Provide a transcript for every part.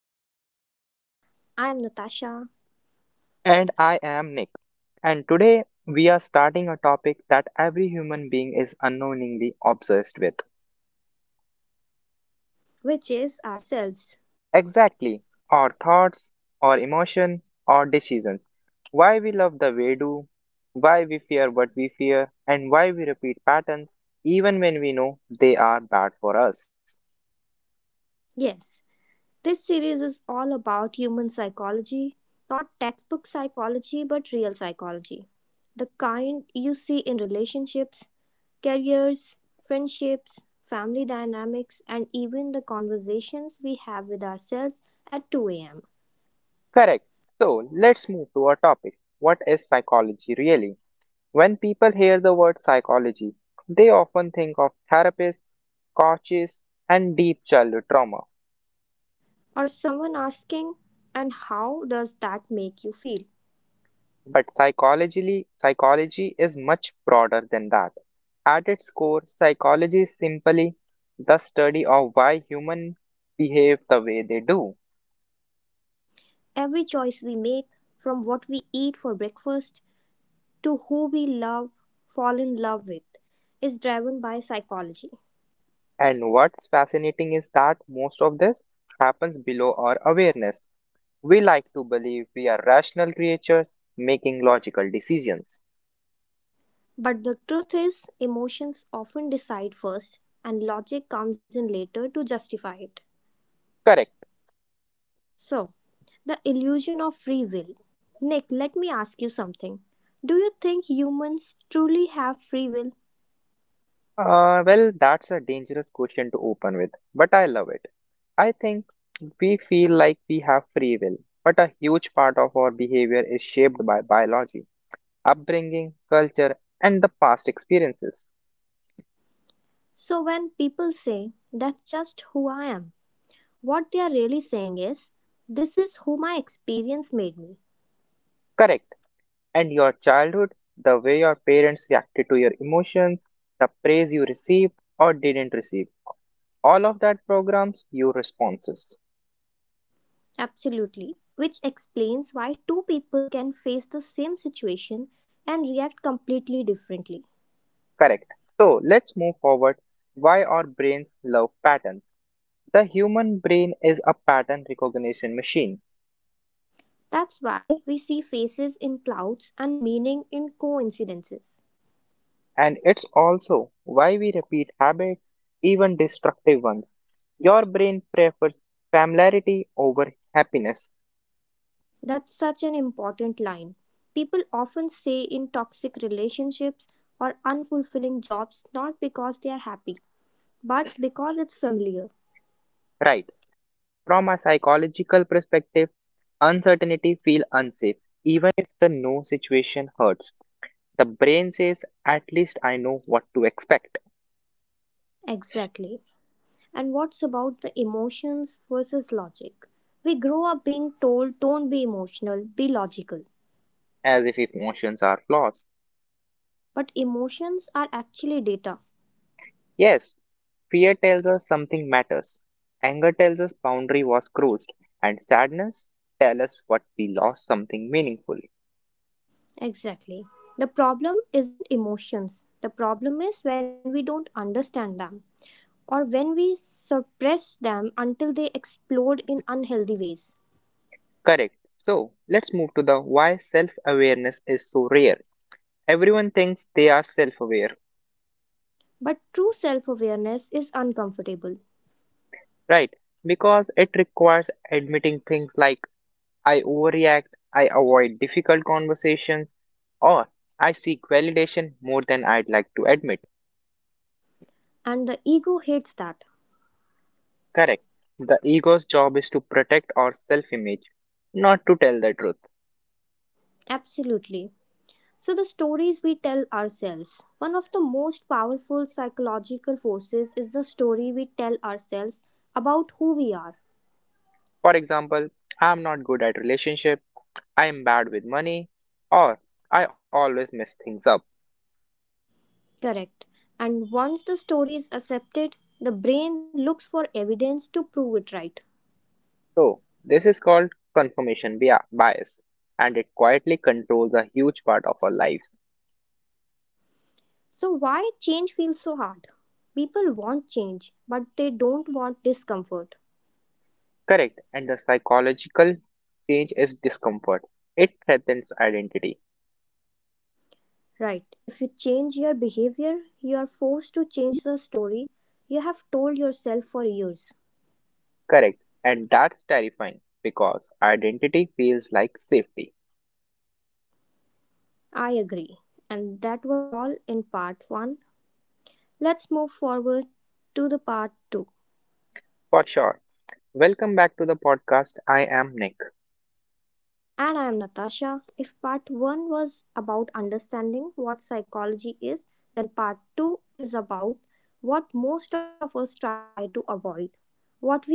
back to the podcast. I am Natasha, And I am Nick. And today we are starting a topic that every human being is unknowingly obsessed with. which is ourselves. Exactly. Our thoughts, our emotion, our decisions. Why we love the way do, why we fear what we fear, and why we repeat patterns even when we know they are bad for us. Yes, this series is all about human psychology, not textbook psychology, but real psychology. The kind you see in relationships, careers, friendships, family dynamics, and even the conversations we have with ourselves at 2 a.m. Correct. So let's move to our topic. What is psychology really? When people hear the word psychology, they often think of therapists, coaches, and deep childhood trauma. Or someone asking, and how does that make you feel? But psychology is much broader than that. At its core, psychology is simply the study of why humans behave the way they do. Every choice we make, from what we eat for breakfast to who we love, fall in love with, is driven by psychology. And what's fascinating is that most of this happens below our awareness. We like to believe we are rational creatures making logical decisions. But the truth is, emotions often decide first, and logic comes in later to justify it. Correct. So, the illusion of free will. Nick, let me ask you something. Do you think humans truly have free will? Well, that's a dangerous question to open with, but I love it. I think we feel like we have free will, but a huge part of our behavior is shaped by biology, upbringing, culture, and the past experiences. So, when people say, that's just who I am, what they are really saying is, this is who my experience made me. Correct. And your childhood, the way your parents reacted to your emotions, the praise you received or didn't receive, all of that programs your responses. Absolutely. Which explains why two people can face the same situation and react completely differently. Correct. So let's move forward. Why our brains love patterns? The human brain is a pattern recognition machine, That's why we see faces in clouds and meaning in coincidences. and it's also why we repeat habits, even destructive ones. Your brain prefers familiarity over happiness, That's such an important line. People often say in toxic relationships or unfulfilling jobs not because they are happy, but because it's familiar. right? From a psychological perspective, uncertainty feels unsafe. Even if the no situation hurts, the brain says, at least I know what to expect, Exactly. And what's about the emotions versus logic? We grow up being told don't be emotional, be logical. as if emotions are flaws. But emotions are actually data. Yes, fear tells us something matters, anger tells us boundary was crossed, and sadness tells us what we lost something meaningful. Exactly. The problem isn't emotions. The problem is when we don't understand them or when we suppress them until they explode in unhealthy ways. Correct. So let's move to the why self awareness is so rare. Everyone thinks they are self aware, But true self awareness is uncomfortable, right? Because it requires admitting things like I overreact, I avoid difficult conversations, or I seek validation more than I'd like to admit. and the ego hates that. Correct. The ego's job is to protect our self image, not to tell the truth. Absolutely. So, the stories we tell ourselves. One of the most powerful psychological forces is the story we tell ourselves about who we are. For example, I'm not good at relationship, I am bad with money, or I always mess things up. Correct. And once the story is accepted, the brain looks for evidence to prove it right. So, this is called bias, and it quietly controls a huge part of our lives. So, why change feels so hard? People want change, but they don't want discomfort. Correct, and the psychological change is discomfort. It threatens identity. Right. If you change your behavior, you are forced to change the story you have told yourself for years. Correct, and that's terrifying because identity feels like safety. I agree. And that was all in part 1. Let's move forward to the part 2. For sure. Welcome back to the podcast. I am Nick. And I am Natasha. If part 1 was about understanding what psychology is, then part 2 is about what most of us try to avoid, what we feel,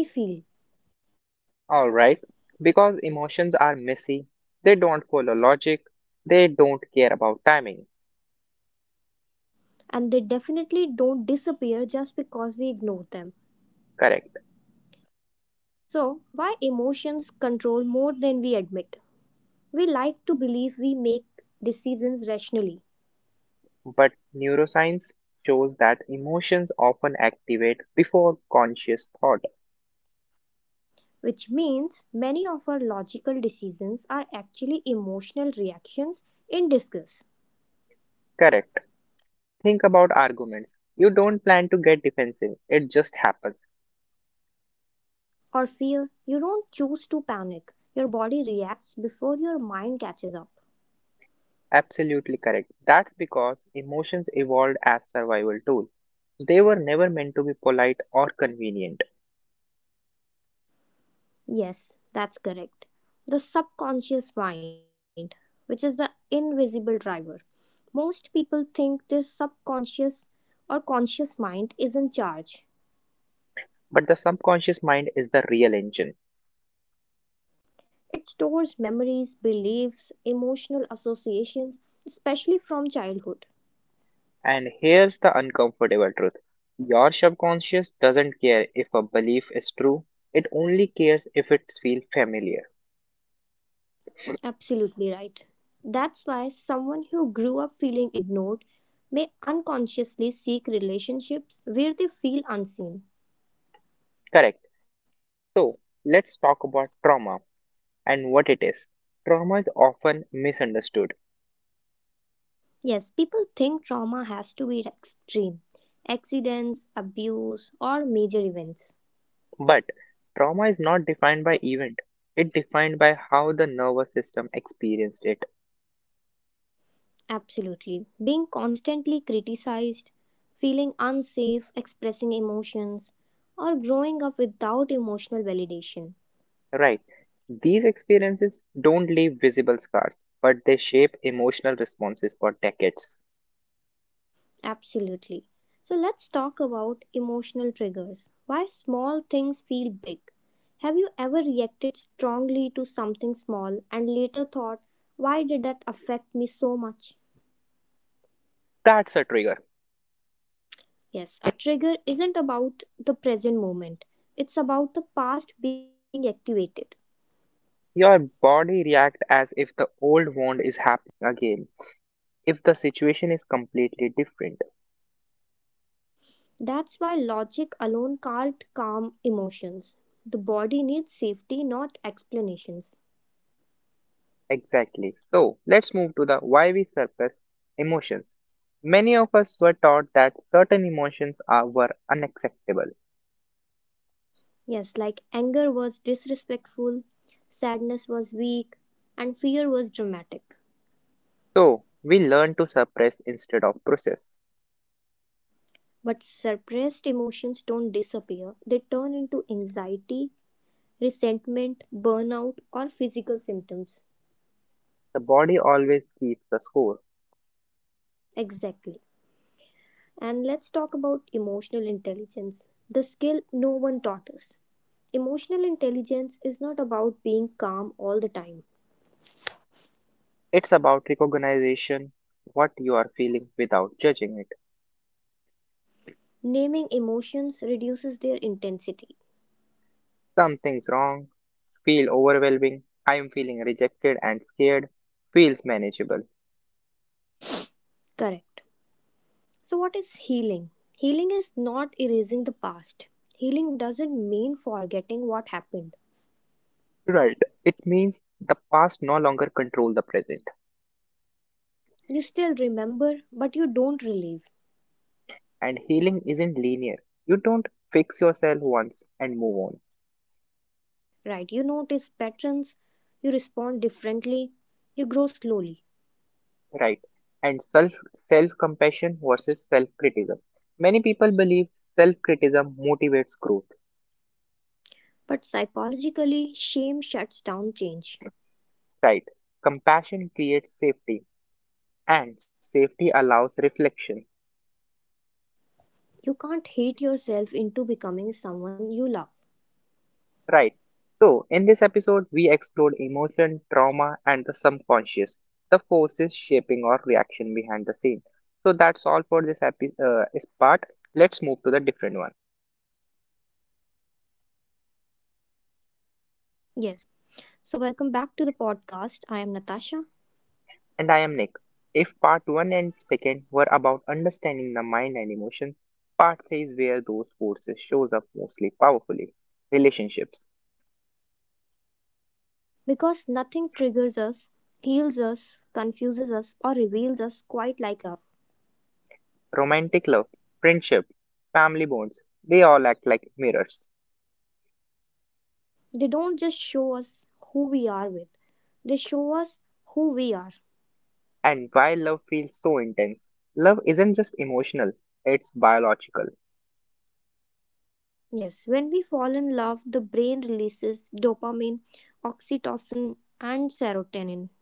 Alright, because emotions are messy, they don't follow logic, they don't care about timing, and they definitely don't disappear just because we ignore them. correct. So, why emotions control more than we admit? We like to believe we make decisions rationally, But neuroscience shows that emotions often activate before conscious thought, which means many of our logical decisions are actually emotional reactions in disgust correct. Think about arguments. You don't plan to get defensive, it just happens. or fear. You don't choose to panic, your body reacts before your mind catches up. Absolutely correct. That's because emotions evolved as survival tool. They were never meant to be polite or convenient, Yes, that's correct. The subconscious mind, which is the invisible driver. Most people think this subconscious or conscious mind is in charge. but the subconscious mind is the real engine. It stores memories, beliefs, emotional associations, especially from childhood. And here's the uncomfortable truth, your subconscious doesn't care if a belief is true, it only cares if it feels familiar. Absolutely right. That's why someone who grew up feeling ignored may unconsciously seek relationships where they feel unseen. Correct. So, let's talk about trauma and what it is. Trauma is often misunderstood, Yes, people think trauma has to be extreme accidents, abuse, or major events. but trauma is not defined by event, it's defined by how the nervous system experienced it. Absolutely. Being constantly criticized, feeling unsafe, expressing emotions, or growing up without emotional validation. Right. These experiences don't leave visible scars, but they shape emotional responses for decades. Absolutely. So let's talk about emotional triggers. Why small things feel big. Have you ever reacted strongly to something small and later thought, why did that affect me so much? That's a trigger. Yes, a trigger isn't about the present moment, it's about the past being activated. Your body reacts as if the old wound is happening again, if the situation is completely different. That's why logic alone can't calm emotions. The body needs safety, not explanations. Exactly. So let's move to the why we suppress emotions. Many of us were taught that certain emotions are were unacceptable. Yes, like anger was disrespectful, sadness was weak, and fear was dramatic. So we learn to suppress instead of process. But suppressed emotions don't disappear, they turn into anxiety, resentment, burnout, or physical symptoms. The body always keeps the score. Exactly. And let's talk about emotional intelligence, the skill no one taught us. Emotional intelligence is not about being calm all the time. It's about recognition, what you are feeling without judging it. Naming emotions reduces their intensity. Something's wrong, feel overwhelming, I'm feeling rejected and scared, feels manageable. Correct. So, what is healing? Healing is not erasing the past. Healing doesn't mean forgetting what happened. Right. It means the past no longer control the present, You still remember, but you don't relieve, and healing isn't linear. You don't fix yourself once and move on, right? You notice patterns, you respond differently, you grow slowly. right? And self compassion versus self criticism. Many people believe self criticism motivates growth, But psychologically, shame shuts down change. right? Compassion creates safety and safety allows reflection. You can't hate yourself into becoming someone you love. Right. So, in this episode, we explored emotion, trauma, and the subconscious, the forces shaping our reaction behind the scene. So, that's all for this is part. Let's move to the different one. Yes. So, welcome back to the podcast. I am Natasha. And I am Nick. If part 1 and second were about understanding the mind and emotions, part 3 is where those forces shows up mostly powerfully. Relationships, Because nothing triggers us, heals us, confuses us, or reveals us quite like love. romantic love, friendship, family bonds, they all act like mirrors. They don't just show us who we are with, they show us who we are. And why love feels so intense? Love isn't just emotional, it's biological, Yes, when we fall in love, the brain releases dopamine, oxytocin, and serotonin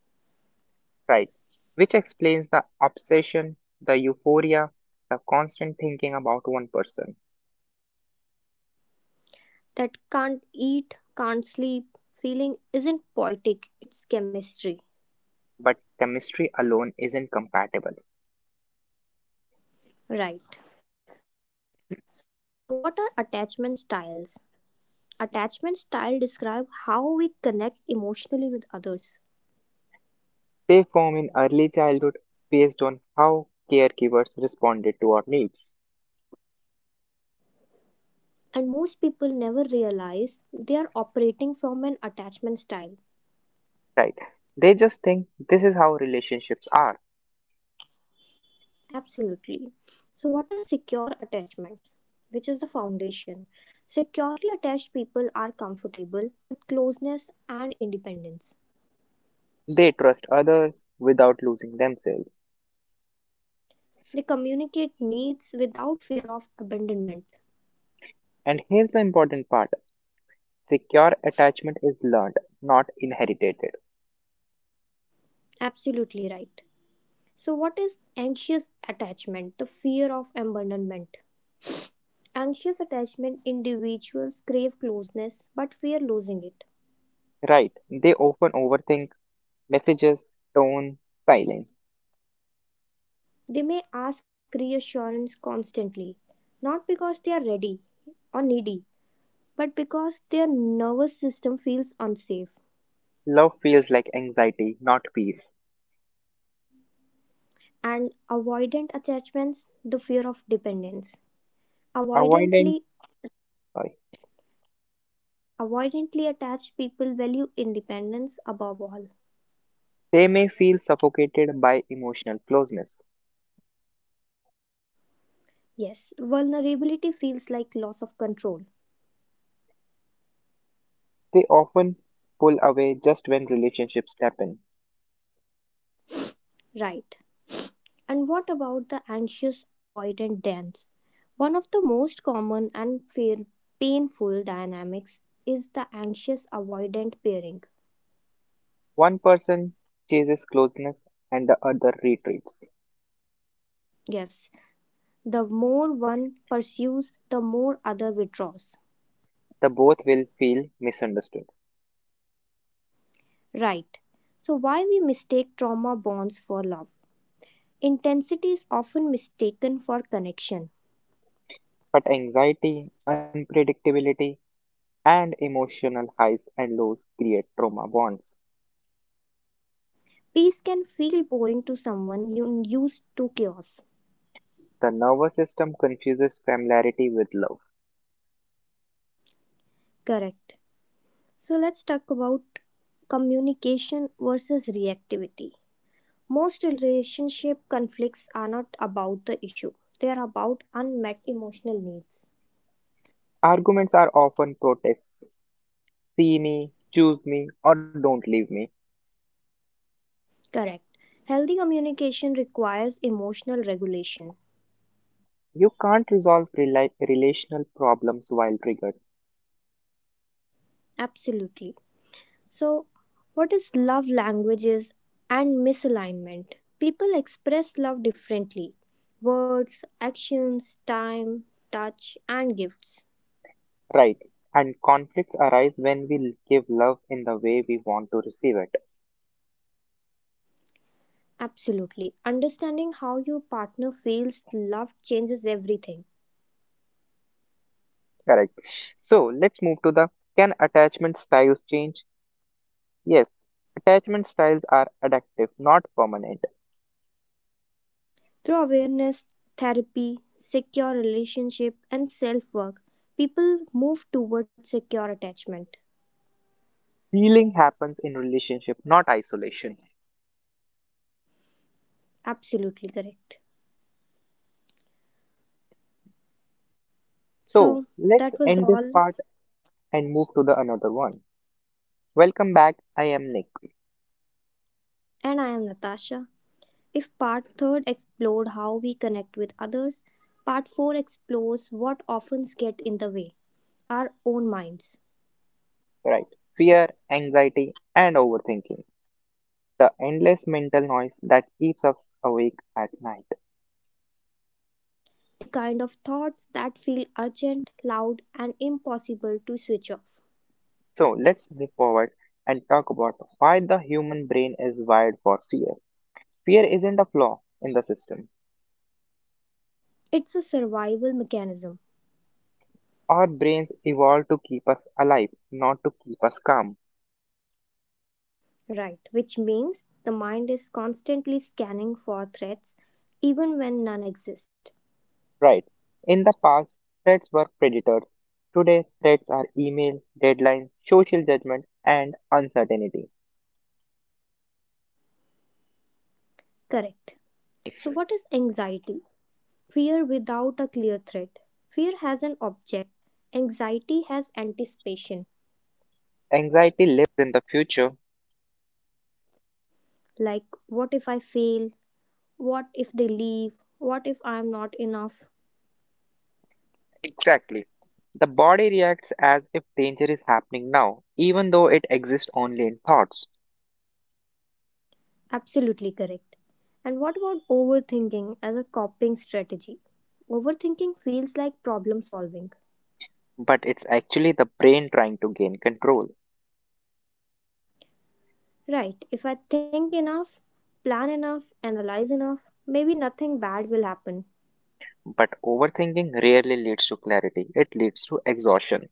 right? Which explains the obsession, the euphoria, the constant thinking about one person. that can't eat, can't sleep. Feeling isn't poetic, it's chemistry. But chemistry alone isn't compatible. Right. So, what are attachment styles? Attachment style describe how we connect emotionally with others. They form in early childhood based on how caregivers responded to our needs, And most people never realize they are operating from an attachment style. right? They just think this is how relationships are. Absolutely. So, what are secure attachments? Which is the foundation. Securely attached people are comfortable with closeness and independence. They trust others without losing themselves. They communicate needs without fear of abandonment. And here's the important part, secure attachment is learned, not inherited. Absolutely right. So, what is anxious attachment? The fear of abandonment. Anxious attachment individuals crave closeness but fear losing it. Right. They often overthink messages, tone, silence. They may ask reassurance constantly, not because they are ready or needy, but because their nervous system feels unsafe. Love feels like anxiety, not peace. And avoidant attachments, the fear of dependence. Avoidant, Avoidantly, sorry. avoidantly attached people value independence above all. They may feel suffocated by emotional closeness. Yes, vulnerability feels like loss of control. They often pull away just when relationships happen. Right. And what about the anxious avoidant dance? One of the most common and painful dynamics is the anxious avoidant pairing. One person chases closeness and the other retreats. Yes, the more one pursues, the more other withdraws. The both will feel misunderstood. Right. So why we mistake trauma bonds for love? Intensity is often mistaken for connection. But anxiety, unpredictability, and emotional highs and lows create trauma bonds. Peace can feel boring to someone you used to chaos. The nervous system confuses familiarity with love. Correct. So let's talk about communication versus reactivity. Most relationship conflicts are not about the issue, they are about unmet emotional needs. Arguments are often protests, see me, choose me, or don't leave me. Correct. Healthy communication requires emotional regulation. You can't resolve relational problems while triggered, Absolutely. So, what is love languages and misalignment? People express love differently words, actions, time, touch, and gifts. right? And conflicts arise when we give love in the way we want to receive it. Absolutely. Understanding how your partner feels loved changes everything. Correct. So let's move to the can attachment styles change? Yes, attachment styles are adaptive, not permanent. Through awareness, therapy, secure relationship, and self work, people move towards secure attachment. Healing happens in relationship, not isolation. Absolutely correct. So So, let's that was end this all. part and move to the another one. Welcome back. I am Nick. And I am Natasha. If part 3 explored how we connect with others, part 4 explores what often get in the way our own minds. Right. Fear, anxiety, and overthinking. The endless mental noise that keeps us awake at night. The kind of thoughts that feel urgent, loud, and impossible to switch off. So let's move forward and talk about why the human brain is wired for fear. Fear isn't a flaw in the system. It's a survival mechanism, Our brains evolved to keep us alive, not to keep us calm. right? Which means the mind is constantly scanning for threats even when none exist. Right. In the past, threats were predators. Today, threats are email, deadlines, social judgment, and uncertainty. Correct. So, what is anxiety? Fear without a clear threat. Fear has an object, anxiety has anticipation. Anxiety lives in the future. Like, what if I fail? What if they leave? What if I am not enough? Exactly. The body reacts as if danger is happening now, even though it exists only in thoughts. Absolutely correct. And what about overthinking as a coping strategy? Overthinking feels like problem solving. But it's actually the brain trying to gain control. Right, if I think enough, plan enough, analyze enough, maybe nothing bad will happen. But overthinking rarely leads to clarity. It leads to exhaustion,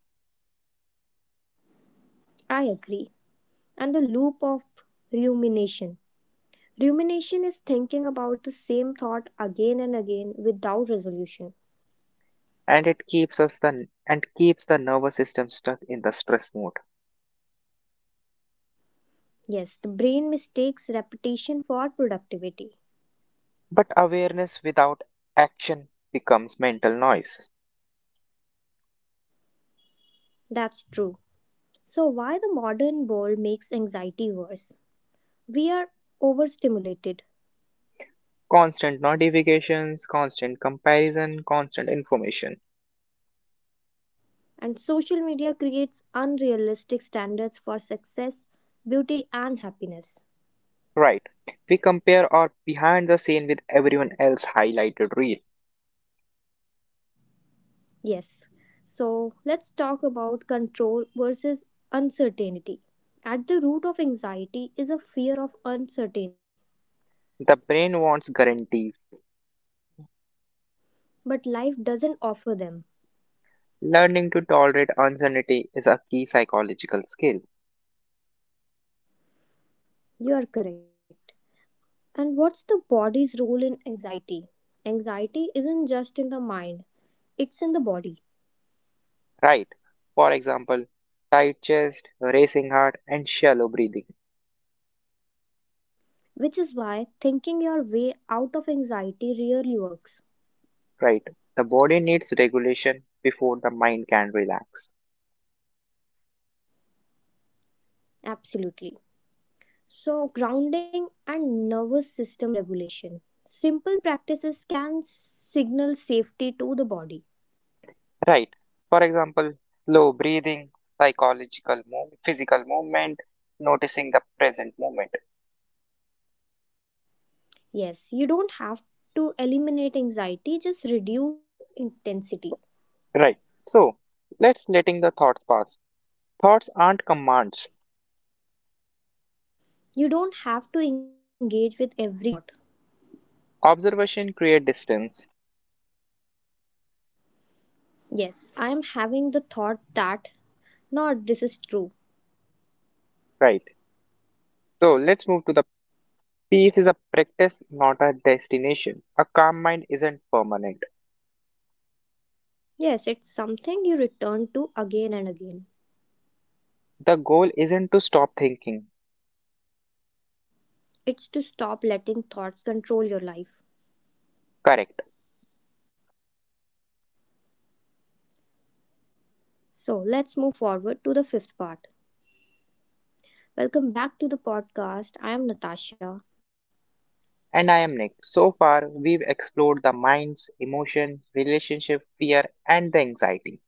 I agree. And the loop of rumination. Rumination is thinking about the same thought again and again without resolution. and it keeps us the and keeps the nervous system stuck in the stress mode. Yes, the brain mistakes repetition for productivity. But awareness without action becomes mental noise. That's true. So, why the modern world makes anxiety worse? We are overstimulated, Constant notifications, constant comparison, constant information. and social media creates unrealistic standards for success, beauty, and happiness. Right. We compare our behind the scene with everyone else highlighted reel. Yes. So let's talk about control versus uncertainty. At the root of anxiety is a fear of uncertainty, The brain wants guarantees. but life doesn't offer them. Learning to tolerate uncertainty is a key psychological skill. You are correct. And what's the body's role in anxiety? Anxiety isn't just in the mind, it's in the body, Right. For example, tight chest, racing heart, and shallow breathing. which is why thinking your way out of anxiety rarely works. Right. The body needs regulation before the mind can relax. Absolutely. So, grounding and nervous system regulation. Simple practices can signal safety to the body. Right. For example, slow breathing, psychological move, physical movement, noticing the present moment. Yes, you don't have to eliminate anxiety, just reduce its intensity. Right. So let's letting the thoughts pass. Thoughts aren't commands. You don't have to engage with every thought. Observation create distance. Yes, I am having the thought that, not this is true. Right. So let's move to the peace is a practice, not a destination. A calm mind isn't permanent. Yes, it's something you return to again and again. The goal isn't to stop thinking. It's to stop letting thoughts control your life. Correct. So, let's move forward to the fifth part. Welcome back to the podcast. I am Natasha. And I am Nick. So far, we've explored the minds, emotion, relationship, fear, and the anxiety.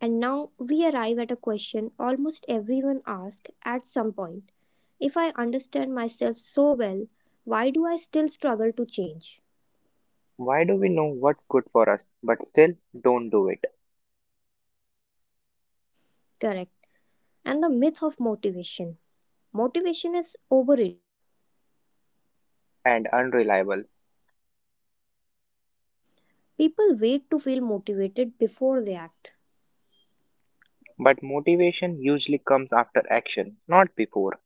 And now we arrive at a question almost everyone asks at some point. If I understand myself so well, why do I still struggle to change? Why do we know what's good for us but still don't do it? Correct. And the myth of motivation. Motivation is overrated. And unreliable. People wait to feel motivated before they act. But motivation usually comes after action, not before.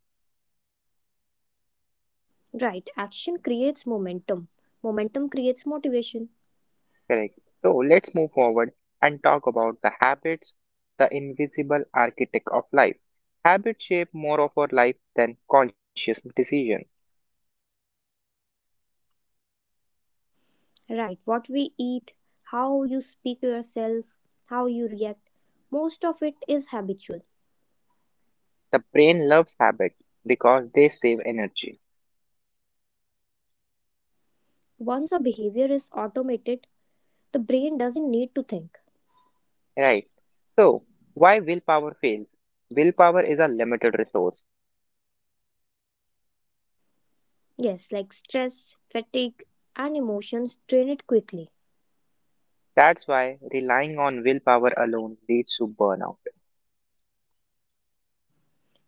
Right, action creates momentum. Momentum creates motivation. Correct. So let's move forward and talk about the habits, the invisible architect of life. Habits shape more of our life than conscious decision. Right, what we eat, how you speak to yourself, how you react, most of it is habitual. The brain loves habits because they save energy. Once a behavior is automated, the brain doesn't need to think. Right. So, why willpower fails? Willpower is a limited resource. Yes, like stress, fatigue, and emotions drain it quickly. That's why relying on willpower alone leads to burnout.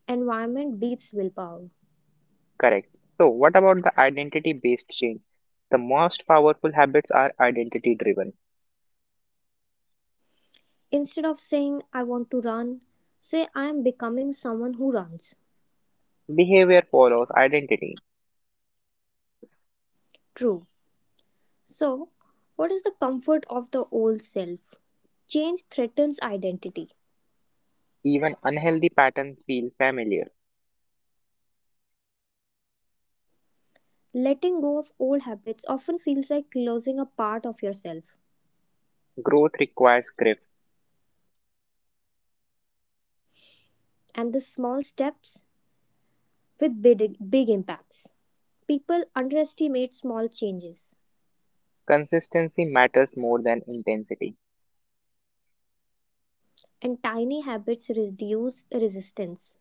Environment beats willpower. Correct. So, what about the identity based change? The most powerful habits are identity driven. Instead of saying, I want to run, say, I am becoming someone who runs. Behavior follows identity. True. So, what is the comfort of the old self? Change threatens identity. Even unhealthy patterns feel familiar. Letting go of old habits often feels like losing a part of yourself, Growth requires grip. and the small steps with big, big impacts. People underestimate small changes, Consistency matters more than intensity. and tiny habits reduce resistance.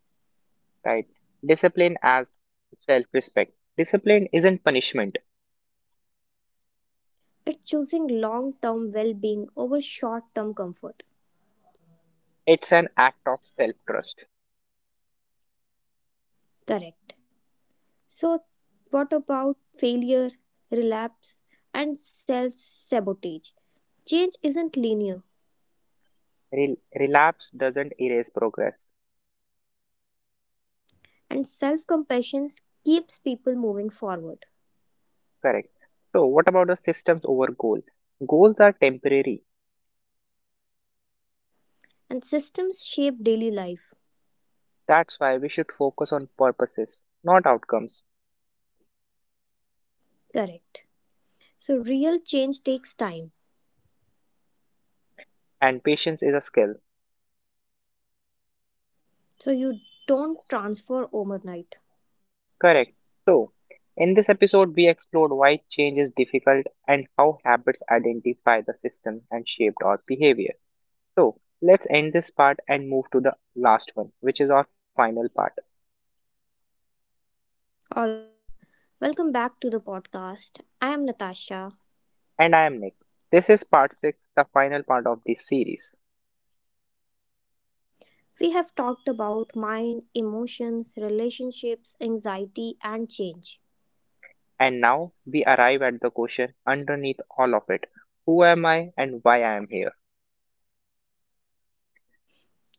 Right? Discipline as self respect. Discipline isn't punishment, It's choosing long term well being over short term comfort. it's an act of self trust. Correct. So, what about failure, relapse, and self sabotage? Change isn't linear, Relapse doesn't erase progress. and self compassion keeps people moving forward. Correct. So, what about the systems over goal? Goals are temporary. And systems shape daily life. That's why we should focus on purposes, not outcomes. Correct. So, real change takes time. And patience is a skill. So, you don't transfer overnight. Correct. So, in this episode, we explored why change is difficult and how habits identify the system and shaped our behavior. So, let's end this part and move to the last one, which is our final part. All right. Welcome back to the podcast. I am Natasha. And I am Nick. This is part 6, the final part of this series. We have talked about mind, emotions, relationships, anxiety, and change. And now we arrive at the question underneath all of it, who am I and why I am here?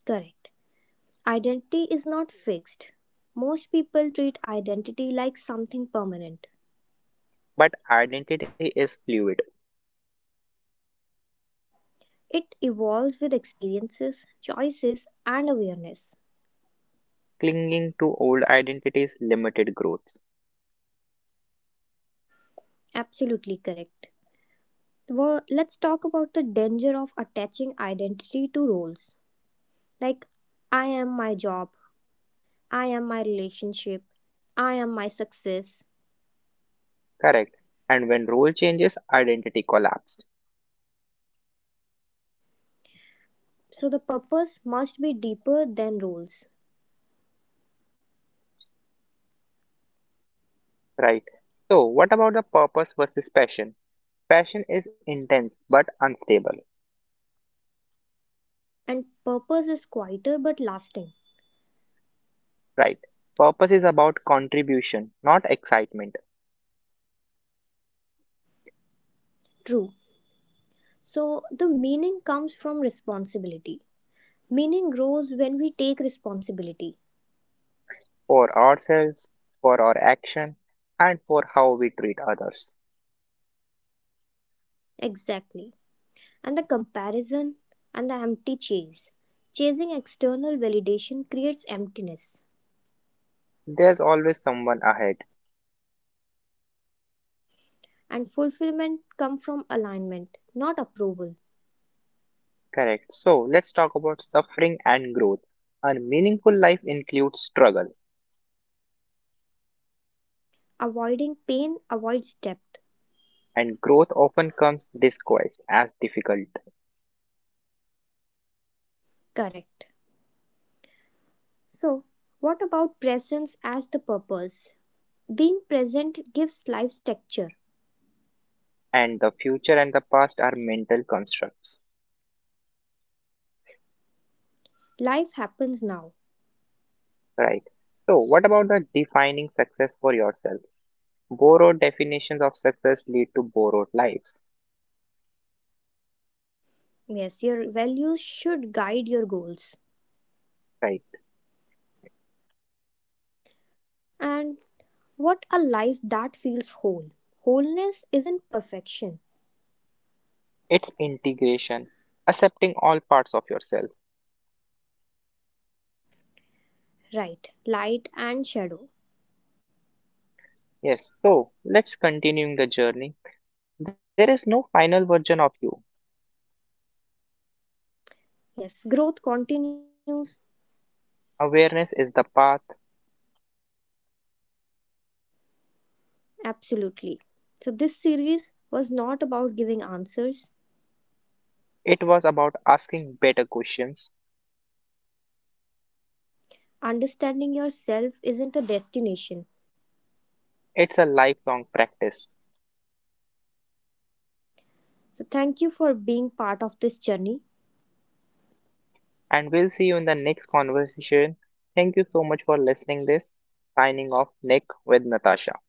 Correct. Identity is not fixed. Most people treat identity like something permanent. But identity is fluid. It evolves with experiences, choices, and awareness. Clinging to old identities limited growths. Absolutely correct. Well, let's talk about the danger of attaching identity to roles. Like, I am my job, I am my relationship, I am my success. Correct. And when role changes, identity collapse. So, the purpose must be deeper than roles. Right. So, what about the purpose versus passion? Passion is intense but unstable, And purpose is quieter but lasting. right? Purpose is about contribution, not excitement, True. So, the meaning comes from responsibility. Meaning grows when we take responsibility. for ourselves, for our action, and for how we treat others. Exactly. And the comparison and the empty chase. Chasing external validation creates emptiness. There's always someone ahead, And fulfillment comes from alignment, not approval. correct. So let's talk about suffering and growth. A meaningful life includes struggle, Avoiding pain avoids depth. and growth often comes disguised as difficult, Correct. So, what about presence as the purpose? Being present gives life's texture. and the future and the past are mental constructs. Life happens now. Right. So, what about the defining success for yourself? Borrowed definitions of success lead to borrowed lives. Yes, your values should guide your goals. Right. And what a life that feels whole. Wholeness isn't perfection, It's integration, accepting all parts of yourself. right? Light and shadow. Yes. So, let's continuing the journey. There is no final version of you. Yes, growth continues. Awareness is the path. Absolutely. So, this series was not about giving answers, It was about asking better questions. understanding yourself isn't a destination. It's a lifelong practice. So, thank you for being part of this journey. And we'll see you in the next conversation. Thank you so much for listening this. Signing off Nick with Natasha.